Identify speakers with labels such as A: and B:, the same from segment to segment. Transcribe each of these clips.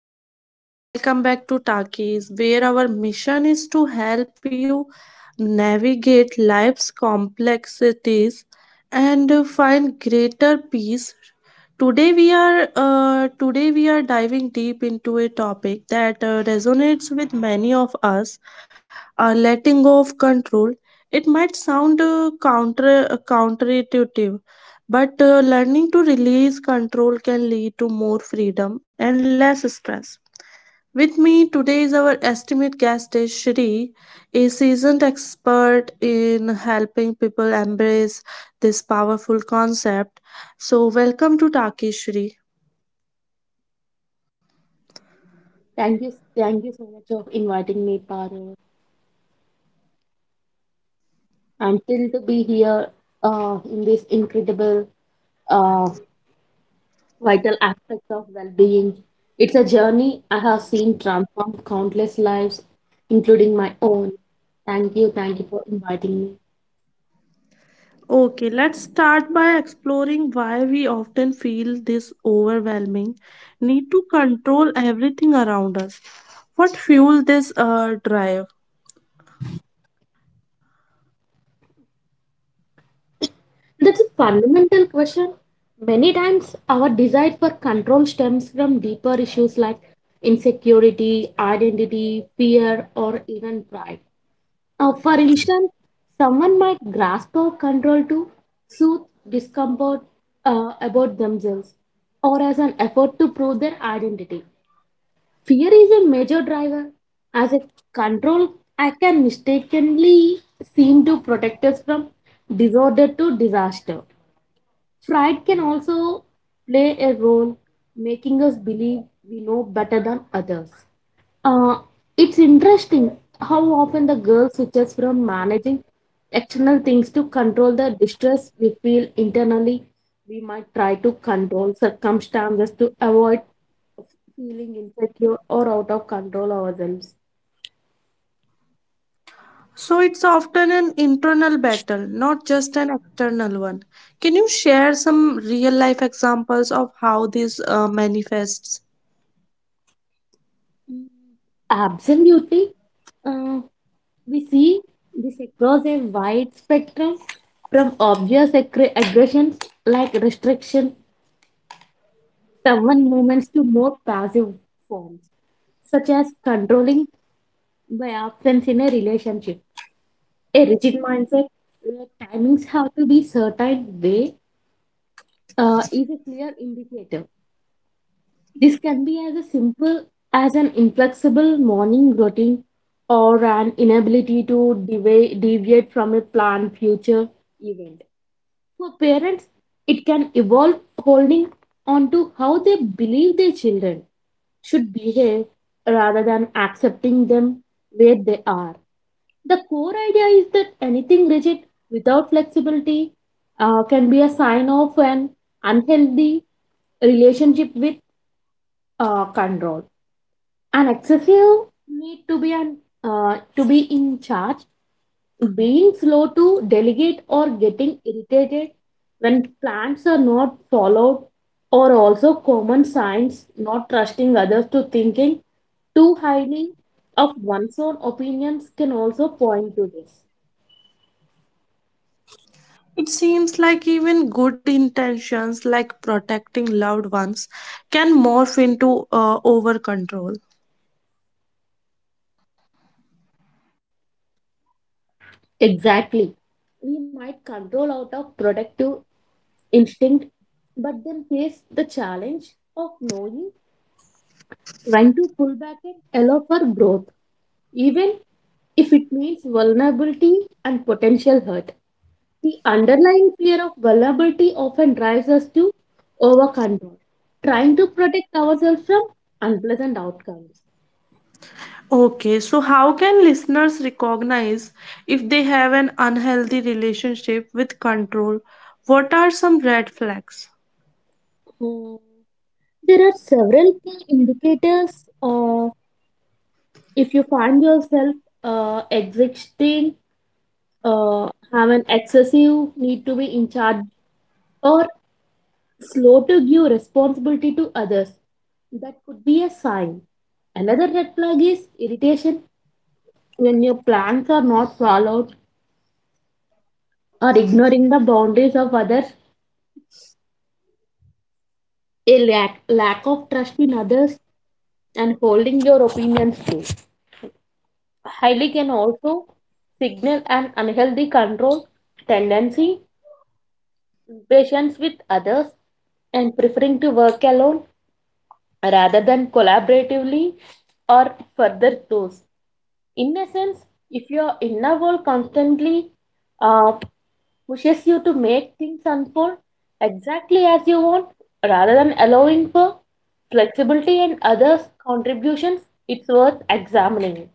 A: Hello, guys, and welcome back to Takis, where our mission is to help you navigate life's complexities and find greater peace. Today we are diving deep into a topic that resonates with many of us: letting go of control. It might sound counterintuitive, but learning to release control can lead to more freedom and less stress. With me today is our estimate guest, is Shri, a seasoned expert in helping people embrace this powerful concept. So, welcome to Taki Shri.
B: Thank you, thank you so much for inviting me, Paru. I'm thrilled to be here in this incredible uh, vital aspect of well-being. It's a journey I have seen transform countless lives, including my own. Thank you for inviting me.
A: Okay, let's start by exploring why we often feel this overwhelming need to control everything around us. What fuels this drive?
B: That's a fundamental question. Many times, our desire for control stems from deeper issues like insecurity, identity, fear, or even pride. For instance, someone might grasp a control to soothe discomfort about themselves or as an effort to prove their identity. Fear is a major driver. As a control, I can mistakenly seem to protect us from disorder to disaster. Pride can also play a role, making us believe we know better than others. Uh, it's interesting how often the girl switches from managing external things to control the distress we feel internally. We might try to control circumstances to avoid feeling insecure or out of control ourselves.
A: So it's often an internal battle, not just an external one. Can you share some real life examples of how this manifests?
B: Absolutely. We see this across a wide spectrum from obvious aggressions like restriction, stubborn movements to more passive forms, such as controlling by absence in a relationship. A rigid mindset where timings have to be certain way is a clear indicator. This can be as a simple as an inflexible morning routine or an inability to deviate from a planned future event. For parents, it can evolve holding on to how they believe their children should behave rather than accepting them where they are. The core idea is that anything rigid without flexibility can be a sign of an unhealthy relationship with control. An excessive need to be an to be in charge, being slow to delegate or getting irritated when plans are not followed or also common signs, not trusting others, to thinking too highly of one's own opinions can also point to this,
A: It seems like even good intentions, like protecting loved ones, can morph into over control.
B: exactly. We might control out of productive instinct but then face the challenge of knowing when to pull back and allow for growth, even if it means vulnerability and potential hurt. The underlying fear of vulnerability often drives us to over control, trying to protect ourselves from unpleasant outcomes.
A: Okay, so how can listeners recognize if they have an unhealthy relationship with control? What are some red flags?
B: Hmm. There are several key indicators. If you find yourself existing, uh, have an excessive need to be in charge, or slow to give responsibility to others. That could be a sign. Another red flag is irritation when your plans are not followed or ignoring the boundaries of others, a lack of trust in others, and holding your opinions too highly can also signal an unhealthy control tendency, impatience with others, and preferring to work alone rather than collaboratively or further close. In a sense, if your inner world constantly uh, pushes you to make things unfold exactly as you want rather than allowing for flexibility and others' contributions, it's worth examining.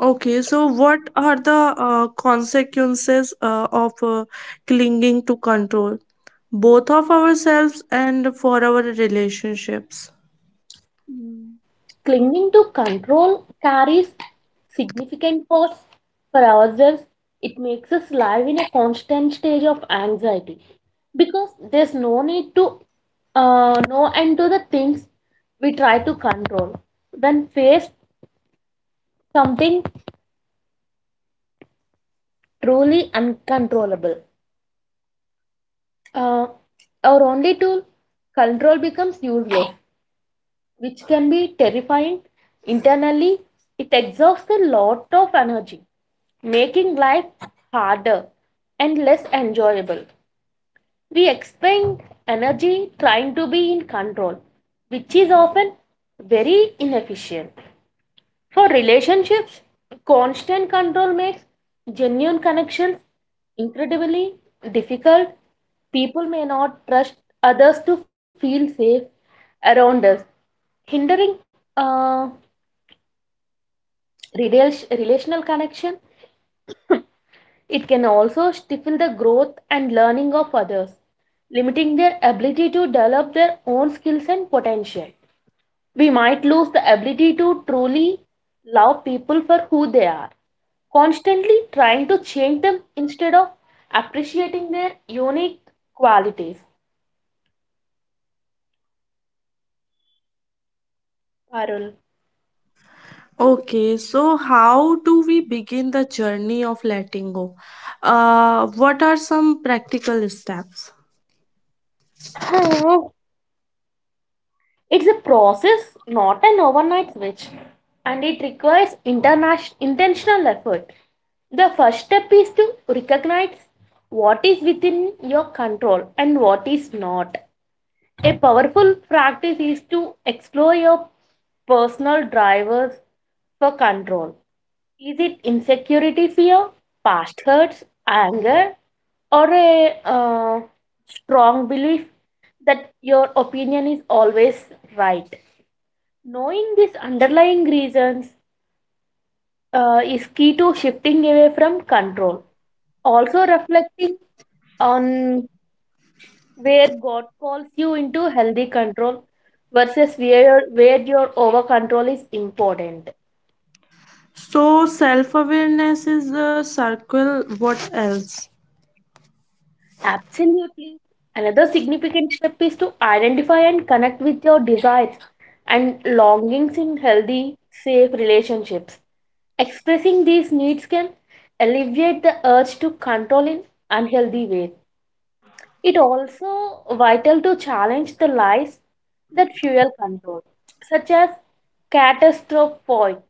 A: Okay, so what are the consequences of clinging to control, both of ourselves and for our relationships?
B: Clinging to control carries significant costs for ourselves. It makes us live in a constant stage of anxiety because there's no need to know and do the things we try to control when faced something truly uncontrollable. Uh, our only tool, control, becomes useless, which can be terrifying. Internally, it exhausts a lot of energy, making life harder and less enjoyable. We expend energy trying to be in control, which is often very inefficient. For relationships, constant control makes genuine connections incredibly difficult. People may not trust others to feel safe around us, hindering uh, relational connection. It can also stifle the growth and learning of others, limiting their ability to develop their own skills and potential. We might lose the ability to truly love people for who they are, constantly trying to change them instead of appreciating their unique qualities, Parul.
A: Okay, so how do we begin the journey of letting go? What are some practical steps?
B: Hmm. It's a process, not an overnight switch, and it requires interna intentional effort. The first step is to recognize what is within your control and what is not. A powerful practice is to explore your personal drivers for control. Is it insecurity, fear, past hurts, anger, or a strong belief that your opinion is always right? Knowing these underlying reasons is key to shifting away from control. Also, reflecting on where God calls you into healthy control versus where your over control is important.
A: So, self awareness is a circle. What else?
B: Absolutely. Another significant step is to identify and connect with your desires and longings in healthy, safe relationships. Expressing these needs can alleviate the urge to control in unhealthy ways. It also vital to challenge the lies that fuel control, such as catastrophic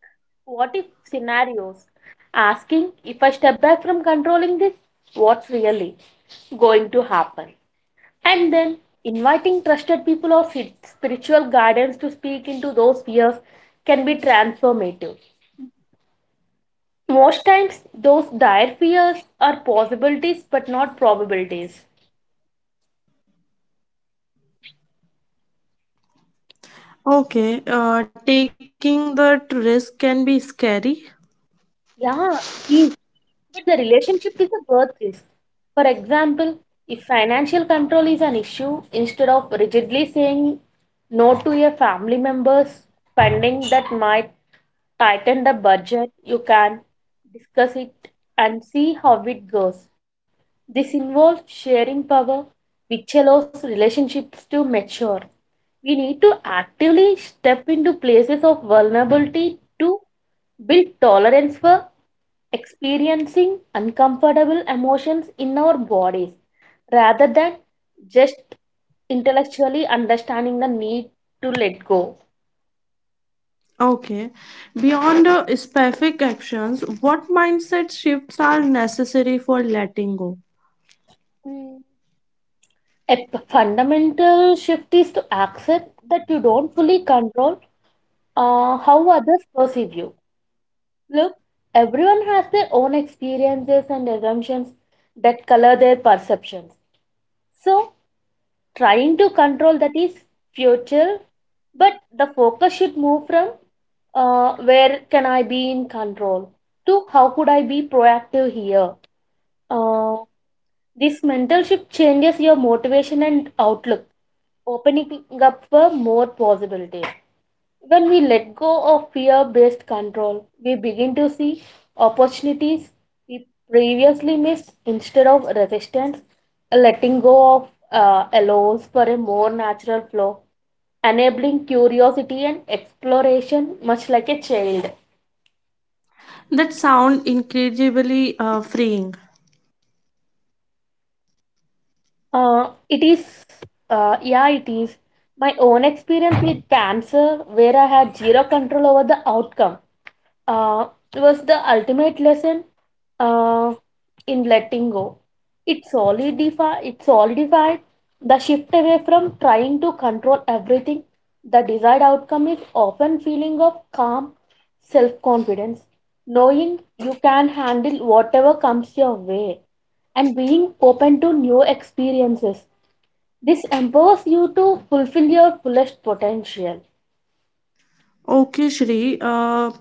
B: what if scenarios, asking if I step back from controlling this, what's really going to happen? And then inviting trusted people or spiritual guidance to speak into those fears can be transformative. Most times, those dire fears are possibilities but not probabilities.
A: Okay, taking the risk can be scary.
B: Yeah, it is. But the relationship is a birth risk. For example, if financial control is an issue, instead of rigidly saying no to your family members' spending that might tighten the budget, you can discuss it and see how it goes. This involves sharing power, which allows relationships to mature. We need to actively step into places of vulnerability to build tolerance for experiencing uncomfortable emotions in our bodies rather than just intellectually understanding the need to let go.
A: Okay. Beyond specific actions, what mindset shifts are necessary for letting go?
B: Mm. A fundamental shift is to accept that you don't fully control how others perceive you. Look, everyone has their own experiences and assumptions that color their perceptions. So, trying to control that is futile, but the focus should move from where can I be in control to how could I be proactive here. Uh, this mental shift changes your motivation and outlook, opening up for more possibilities. When we let go of fear based control, we begin to see opportunities we previously missed. Instead of resistance, letting go of allows for a more natural flow, enabling curiosity and exploration, much like a child.
A: That sound incredibly freeing.
B: It is, yeah, it is. My own experience with cancer where I had zero control over the outcome, Uh, was the ultimate lesson uh, in letting go. It solidified the shift away from trying to control everything. The desired outcome is often feeling of calm self-confidence, knowing you can handle whatever comes your way and being open to new experiences. This empowers you to fulfill your fullest potential.
A: Okay, Shri. Uh,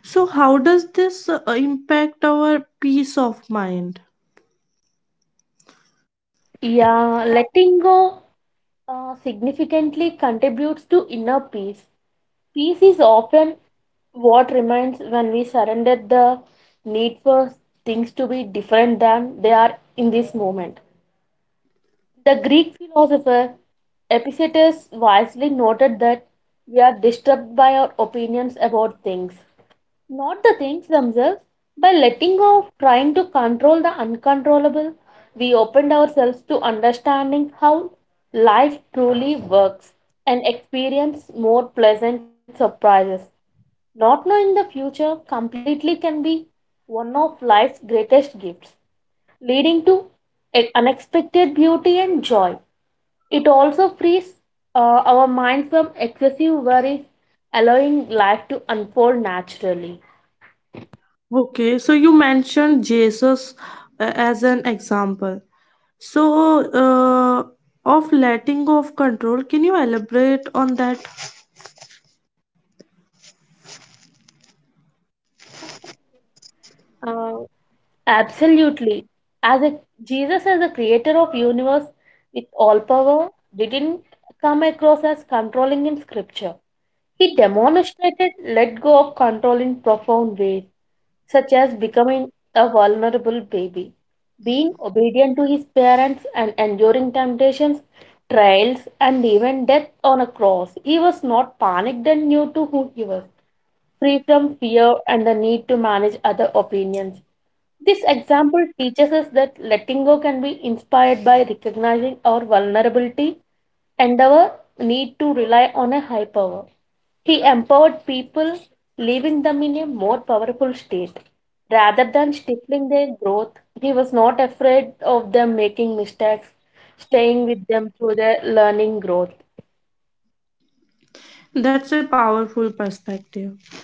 A: so, how does this impact our peace of mind?
B: Yeah, letting go significantly contributes to inner peace. Peace is often what remains when we surrender the need for things to be different than they are in this moment. The Greek philosopher Epictetus wisely noted that we are disturbed by our opinions about things, not the things themselves. By letting go of trying to control the uncontrollable, we opened ourselves to understanding how life truly works and experience more pleasant surprises. Not knowing the future completely can be one of life's greatest gifts, leading to unexpected beauty and joy. It also frees uh, our mind from excessive worries, allowing life to unfold naturally.
A: Okay, so you mentioned Jesus as an example. So, of letting go of control, can you elaborate on that?
B: Uh, absolutely. As a Jesus as the creator of universe with all power didn't come across as controlling in scripture. He demonstrated let go of control in profound ways, such as becoming a vulnerable baby, being obedient to his parents and enduring temptations, trials, and even death on a cross. He was not panicked and knew to who he was, free from fear and the need to manage other opinions. This example teaches us that letting go can be inspired by recognizing our vulnerability and our need to rely on a high power. He empowered people, leaving them in a more powerful state. Rather than stifling their growth, he was not afraid of them making mistakes, staying with them through their learning growth.
A: That's a powerful perspective.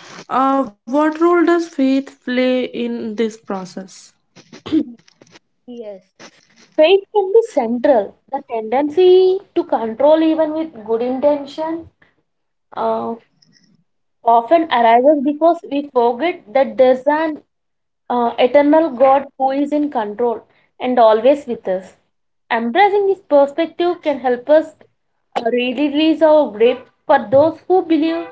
A: What role does faith play in this process?
B: Yes. Faith can be central. The tendency to control, even with good intention, uh, often arises because we forget that there's an eternal God who is in control and always with us. Embracing this perspective can help us release our grip. For those who believe,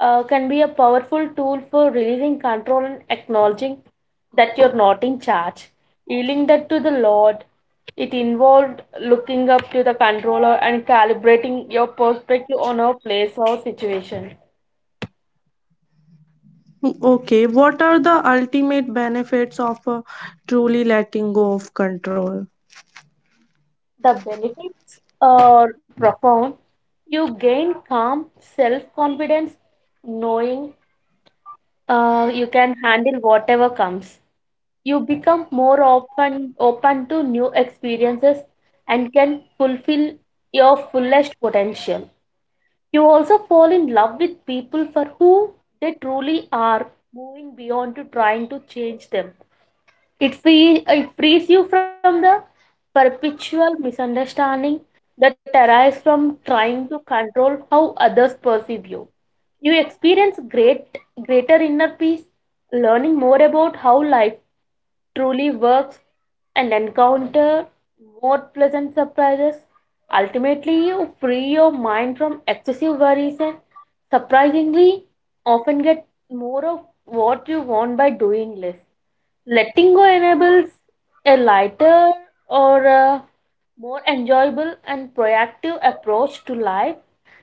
B: can be a powerful tool for releasing control and acknowledging that you're not in charge. Yielding that to the Lord, it involved looking up to the controller and calibrating your perspective on our place or situation.
A: Okay, what are the ultimate benefits of truly letting go of control?
B: The benefits are profound. You gain calm, self confidence, knowing you can handle whatever comes. You become more open to new experiences and can fulfill your fullest potential. You also fall in love with people for who they truly are, moving beyond to trying to change them. It frees you from the perpetual misunderstanding that arises from trying to control how others perceive you. You experience greater inner peace, learning more about how life truly works and encounter more pleasant surprises. Ultimately, you free your mind from excessive worries and surprisingly often get more of what you want by doing less. Letting go enables a lighter or a more enjoyable and proactive approach to life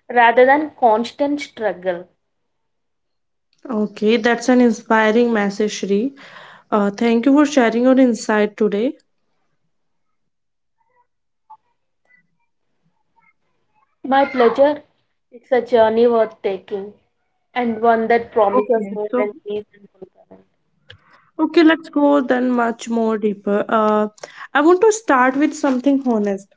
B: rather than constant struggle.
A: Okay, that's an inspiring message, Shri. Thank you for sharing your insight today.
B: My pleasure, it's a journey worth taking and one that promises
A: Okay,
B: more
A: so
B: than peace and fulfillment.
A: okay, let's go then much more deeper. I want to start with something honest.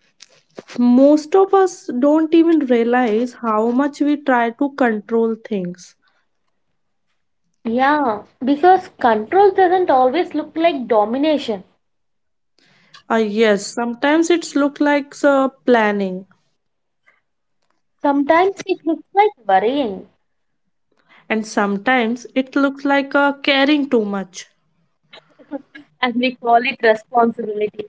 A: Most of us don't even realize how much we try to control things.
B: Yeah, because control doesn't always look like domination.
A: Yes, sometimes it's look like planning,
B: Sometimes it looks like worrying,
A: and sometimes it looks like caring too much.
B: and we call it responsibility.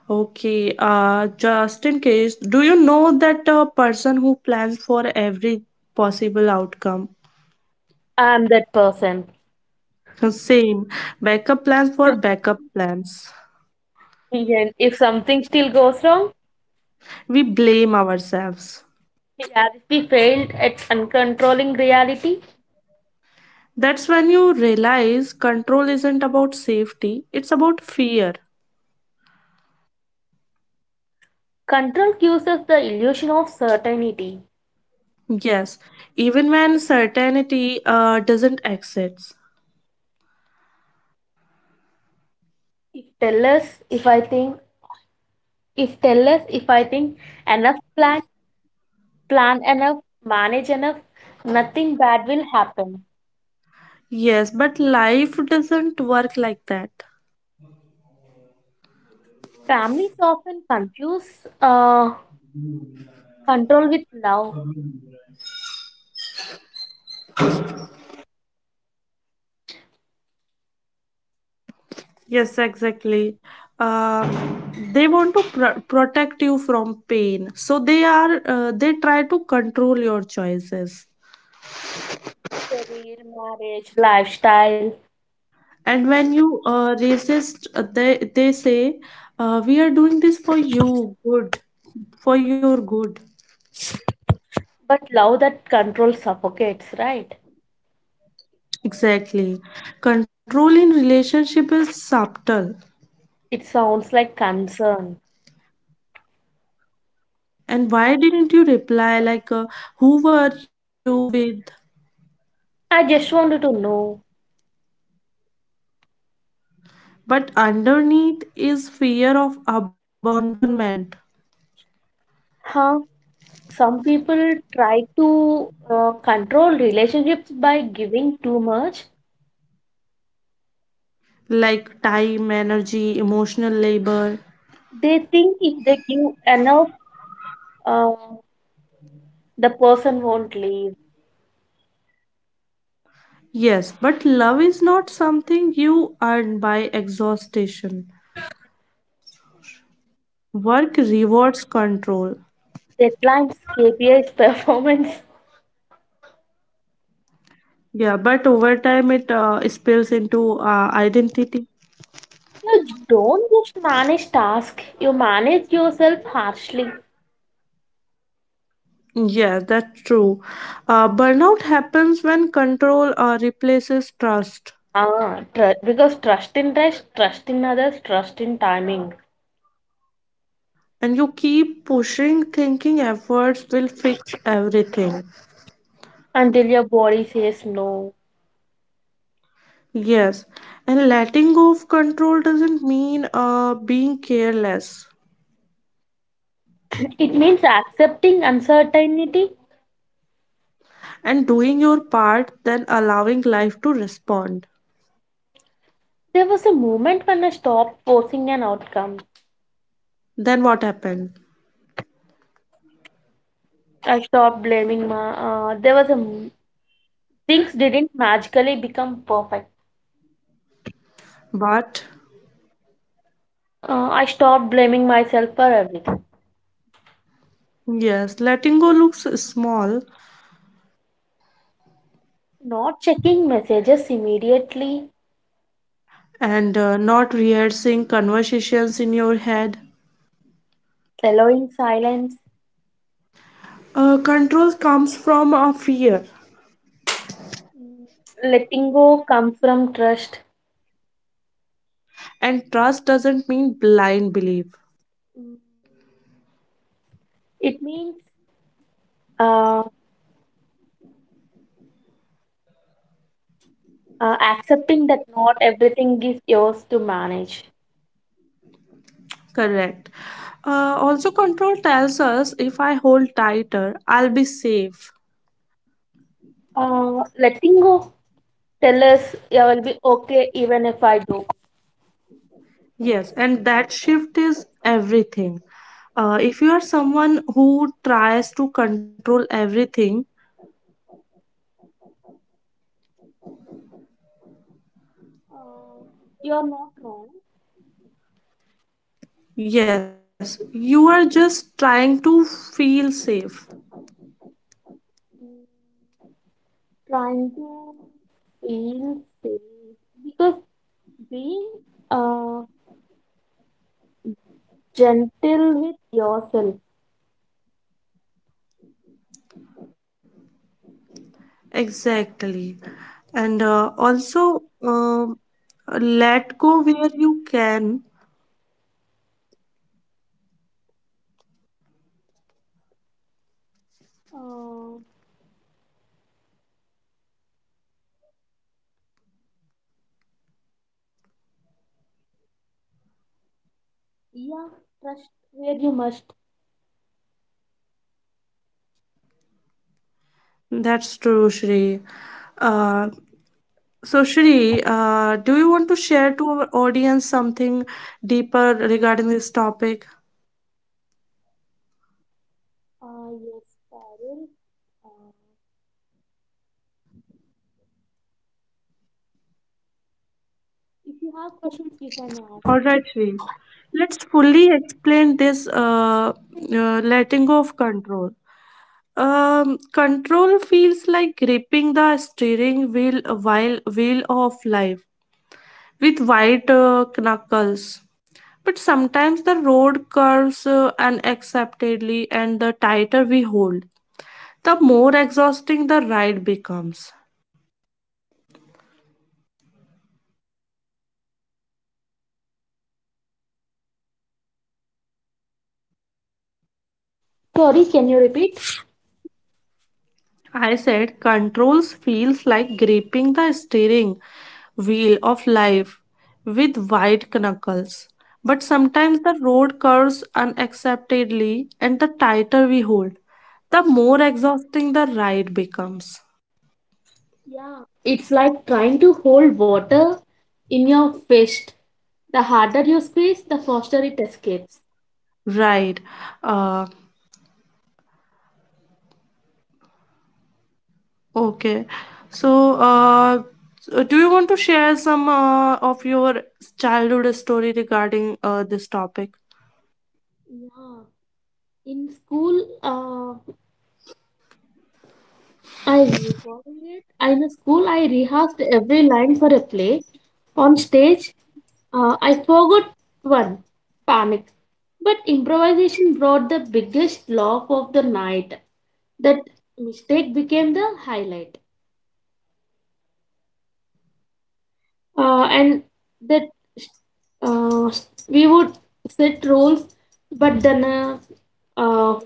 A: Okay, just in case, do you know that a person who plans for every possible outcome?
B: I'm that person.
A: Same, backup plans for backup plans.
B: And if something still goes wrong,
A: We blame ourselves.
B: reality failed at uncontrolling reality.
A: That's when you realize control isn't about safety, it's about fear.
B: Control gives us the illusion of certainty.
A: Yes, even when certainty doesn't exist.
B: If tell us if I think, if tell us if I think enough plan, plan enough, manage enough, nothing bad will happen.
A: Yes, but life doesn't work like that.
B: Families often confuse control with love,
A: Yes, exactly. Uh, they want to protect you from pain, so they try to control your choices.
B: career, marriage, lifestyle,
A: And when you resist, they say, "We are doing this for you, good, for your good."
B: but love that control suffocates, right?
A: Exactly. Control in relationship is subtle.
B: It sounds like concern.
A: And why didn't you reply like, "Who were you with?"
B: I just wanted to know,
A: But underneath is fear of abandonment,
B: huh? Some people try to control relationships by giving too much.
A: like time, energy, emotional labor.
B: They think if they give enough uh, the person won't leave.
A: Yes, but love is not something you earn by exhaustion. Work rewards control.
B: Deadlines, KPIs, performance.
A: Yeah, but over time it spills into identity.
B: You don't just manage tasks, you manage yourself harshly.
A: Yeah, that's true. Burnout happens when control replaces trust,
B: Because trust in rest, trust in others, trust in timing,
A: and you keep pushing, thinking efforts will fix everything.
B: until your body says no.
A: Yes, and letting go of control doesn't mean being careless
B: It means accepting uncertainty.
A: and doing your part, then allowing life to respond.
B: There was a moment when I stopped forcing an outcome.
A: Then what happened?
B: I stopped blaming my. There was things didn't magically become perfect.
A: But
B: I stopped blaming myself for everything.
A: yes, letting go looks small
B: Not checking messages immediately,
A: and not rehearsing conversations in your head.
B: allowing silence.
A: Control comes from a fear,
B: Mm, letting go comes from trust.
A: and trust doesn't mean blind belief.
B: Mm, it means uh, accepting that not everything is yours to manage.
A: Correct. Also, control tells us if I hold tighter, I'll be safe.
B: Letting go tell us I will be okay even if I do.
A: Yes, and that shift is everything. If you are someone who tries to control everything,
B: Uh, you're not wrong.
A: yes, you are just trying to feel safe.
B: Trying to feel safe because being uh, gentle with yourself.
A: Exactly. And uh, also, um Let go where you can.
B: Uh, yeah, trust where you must.
A: That's true, Shri. Uh, so, Shri, do you want to share to our audience something deeper regarding this topic?
B: Yes, Parul. Uh, if you have questions, you can ask.
A: All right, Shri. Let's fully explain this letting go of control. Control feels like gripping the steering wheel while wheel of life with white knuckles. But sometimes the road curves unacceptably, and the tighter we hold, the more exhausting the ride becomes.
B: Sorry, can you repeat?
A: I said, controls feels like gripping the steering wheel of life with white knuckles. But sometimes the road curves unacceptably, and the tighter we hold, the more exhausting the ride becomes.
B: Yeah, it's like trying to hold water in your fist. The harder you squeeze, the faster it escapes.
A: Right. Uh, okay. So, uh, so, do you want to share some of your childhood story regarding this topic?
B: Yeah, in school, I recall it. In school, I rehearsed every line for a play. On stage, I forgot one, panic. But improvisation brought the biggest laugh of the night. That mistake became the highlight. And that uh, we would set rules, but then uh,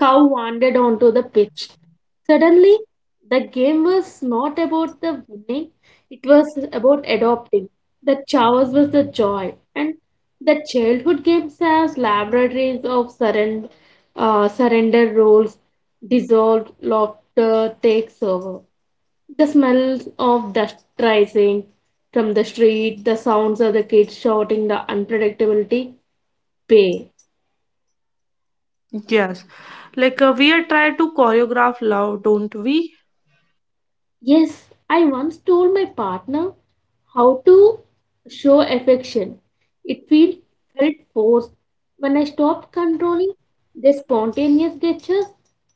B: cow wandered onto the pitch. Suddenly, the game was not about the winning, it was about adopting. The chaos was the joy, and the childhood games as laboratories of surrender, surrender rules, dissolved, laughter takes over. The smells of dust rising from the street, the sounds of the kids shouting, the unpredictability pay.
A: Yes. Like we are try to choreograph love, don't we?
B: Yes, I once told my partner how to show affection. It feel, felt forced. When I stopped controlling their spontaneous gestures,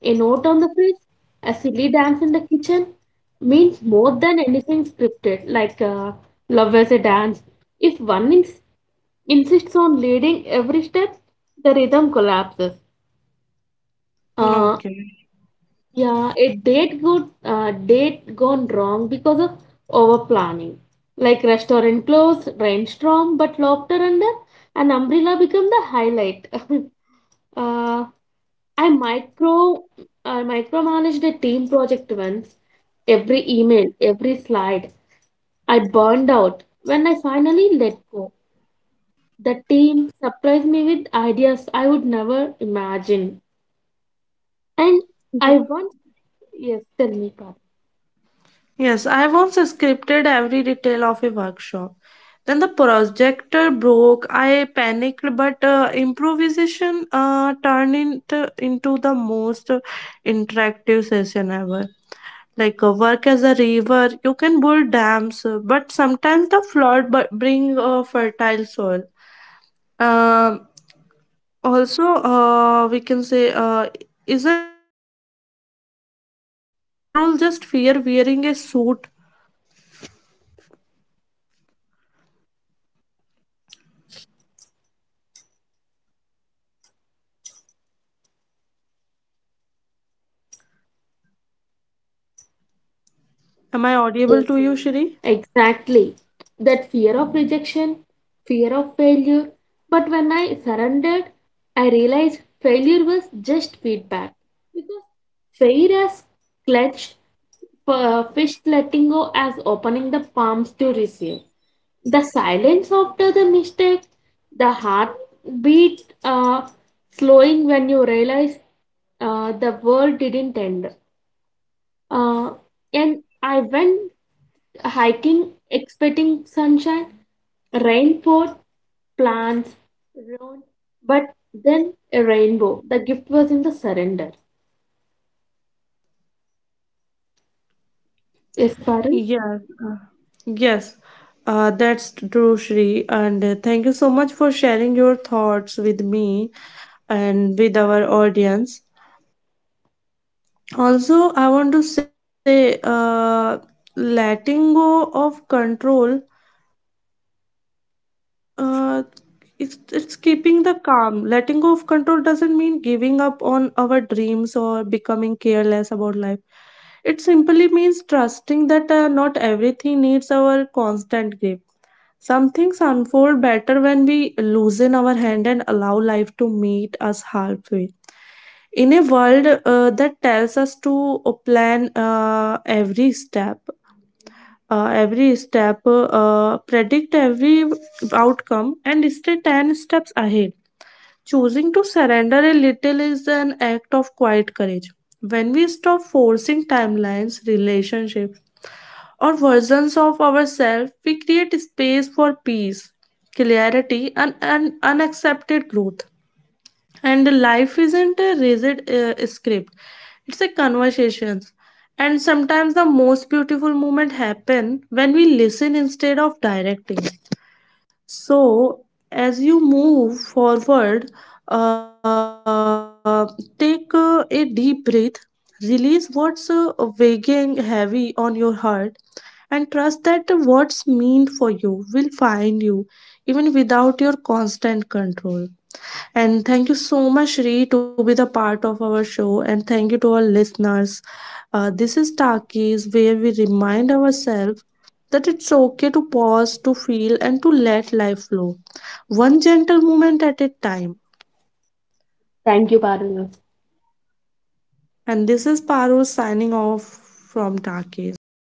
B: a note on the fridge, a silly dance in the kitchen means more than anything scripted, like love as a dance. If one insists on leading every step, the rhythm collapses. Uh,
A: Okay.
B: yeah, a date, good date gone wrong because of over planning. Like restaurant closed, rainstorm, but laughter under an umbrella become the highlight. uh, I micro I micromanaged a team project once. Every email, every slide, I burned out. When I finally let go, the team surprised me with ideas I would never imagine. And
A: Yeah.
B: I once, yes, tell me, Parth.
A: Yes, I once scripted every detail of a workshop. Then the projector broke. I panicked, but improvisation turned into the most interactive session ever. Like work as a river, you can build dams, but sometimes the flood bring fertile soil. Um, Also, we can say, isn't control just fear wearing a suit? Am I audible to you, Shri?
B: Yes, yes, exactly. That fear of rejection, fear of failure. But when I surrendered, I realized failure was just feedback. Because failure as clutched, fish, letting go as opening the palms to receive. The silence after the mistake, the heartbeat uh, slowing when you realize the world didn't end. Uh, and I went hiking expecting sunshine, rain poured, plants ruined, but then a rainbow. The gift was in the surrender. Yes, Parul.
A: Yes. uh, Yes, that's true, Shri. And thank you so much for sharing your thoughts with me and with our audience. Also, I want to say, letting go of control Uh, it's it's keeping the calm. Letting go of control doesn't mean giving up on our dreams or becoming careless about life. It simply means trusting that not everything needs our constant grip. Some things unfold better when we loosen our hand and allow life to meet us halfway. In a world that tells us to plan every step, predict every outcome, and stay 10 steps ahead. Choosing to surrender a little is an act of quiet courage. When we stop forcing timelines, relationships, or versions of ourselves, we create space for peace, clarity, and unaccepted growth. And life isn't a rigid script, it's a conversation. And sometimes the most beautiful moment happen when we listen instead of directing. So, as you move forward, uh, take a deep breath, release what's weighing heavy on your heart, and trust that what's meant for you will find you even without your constant control. And thank you so much, Ree, to be the part of our show. And thank you to our listeners. This is Takis, where we remind ourselves that it's okay to pause, to feel, and to let life flow, one gentle moment at a time.
B: Thank you, Parul.
A: And this is Paro signing off from Takis.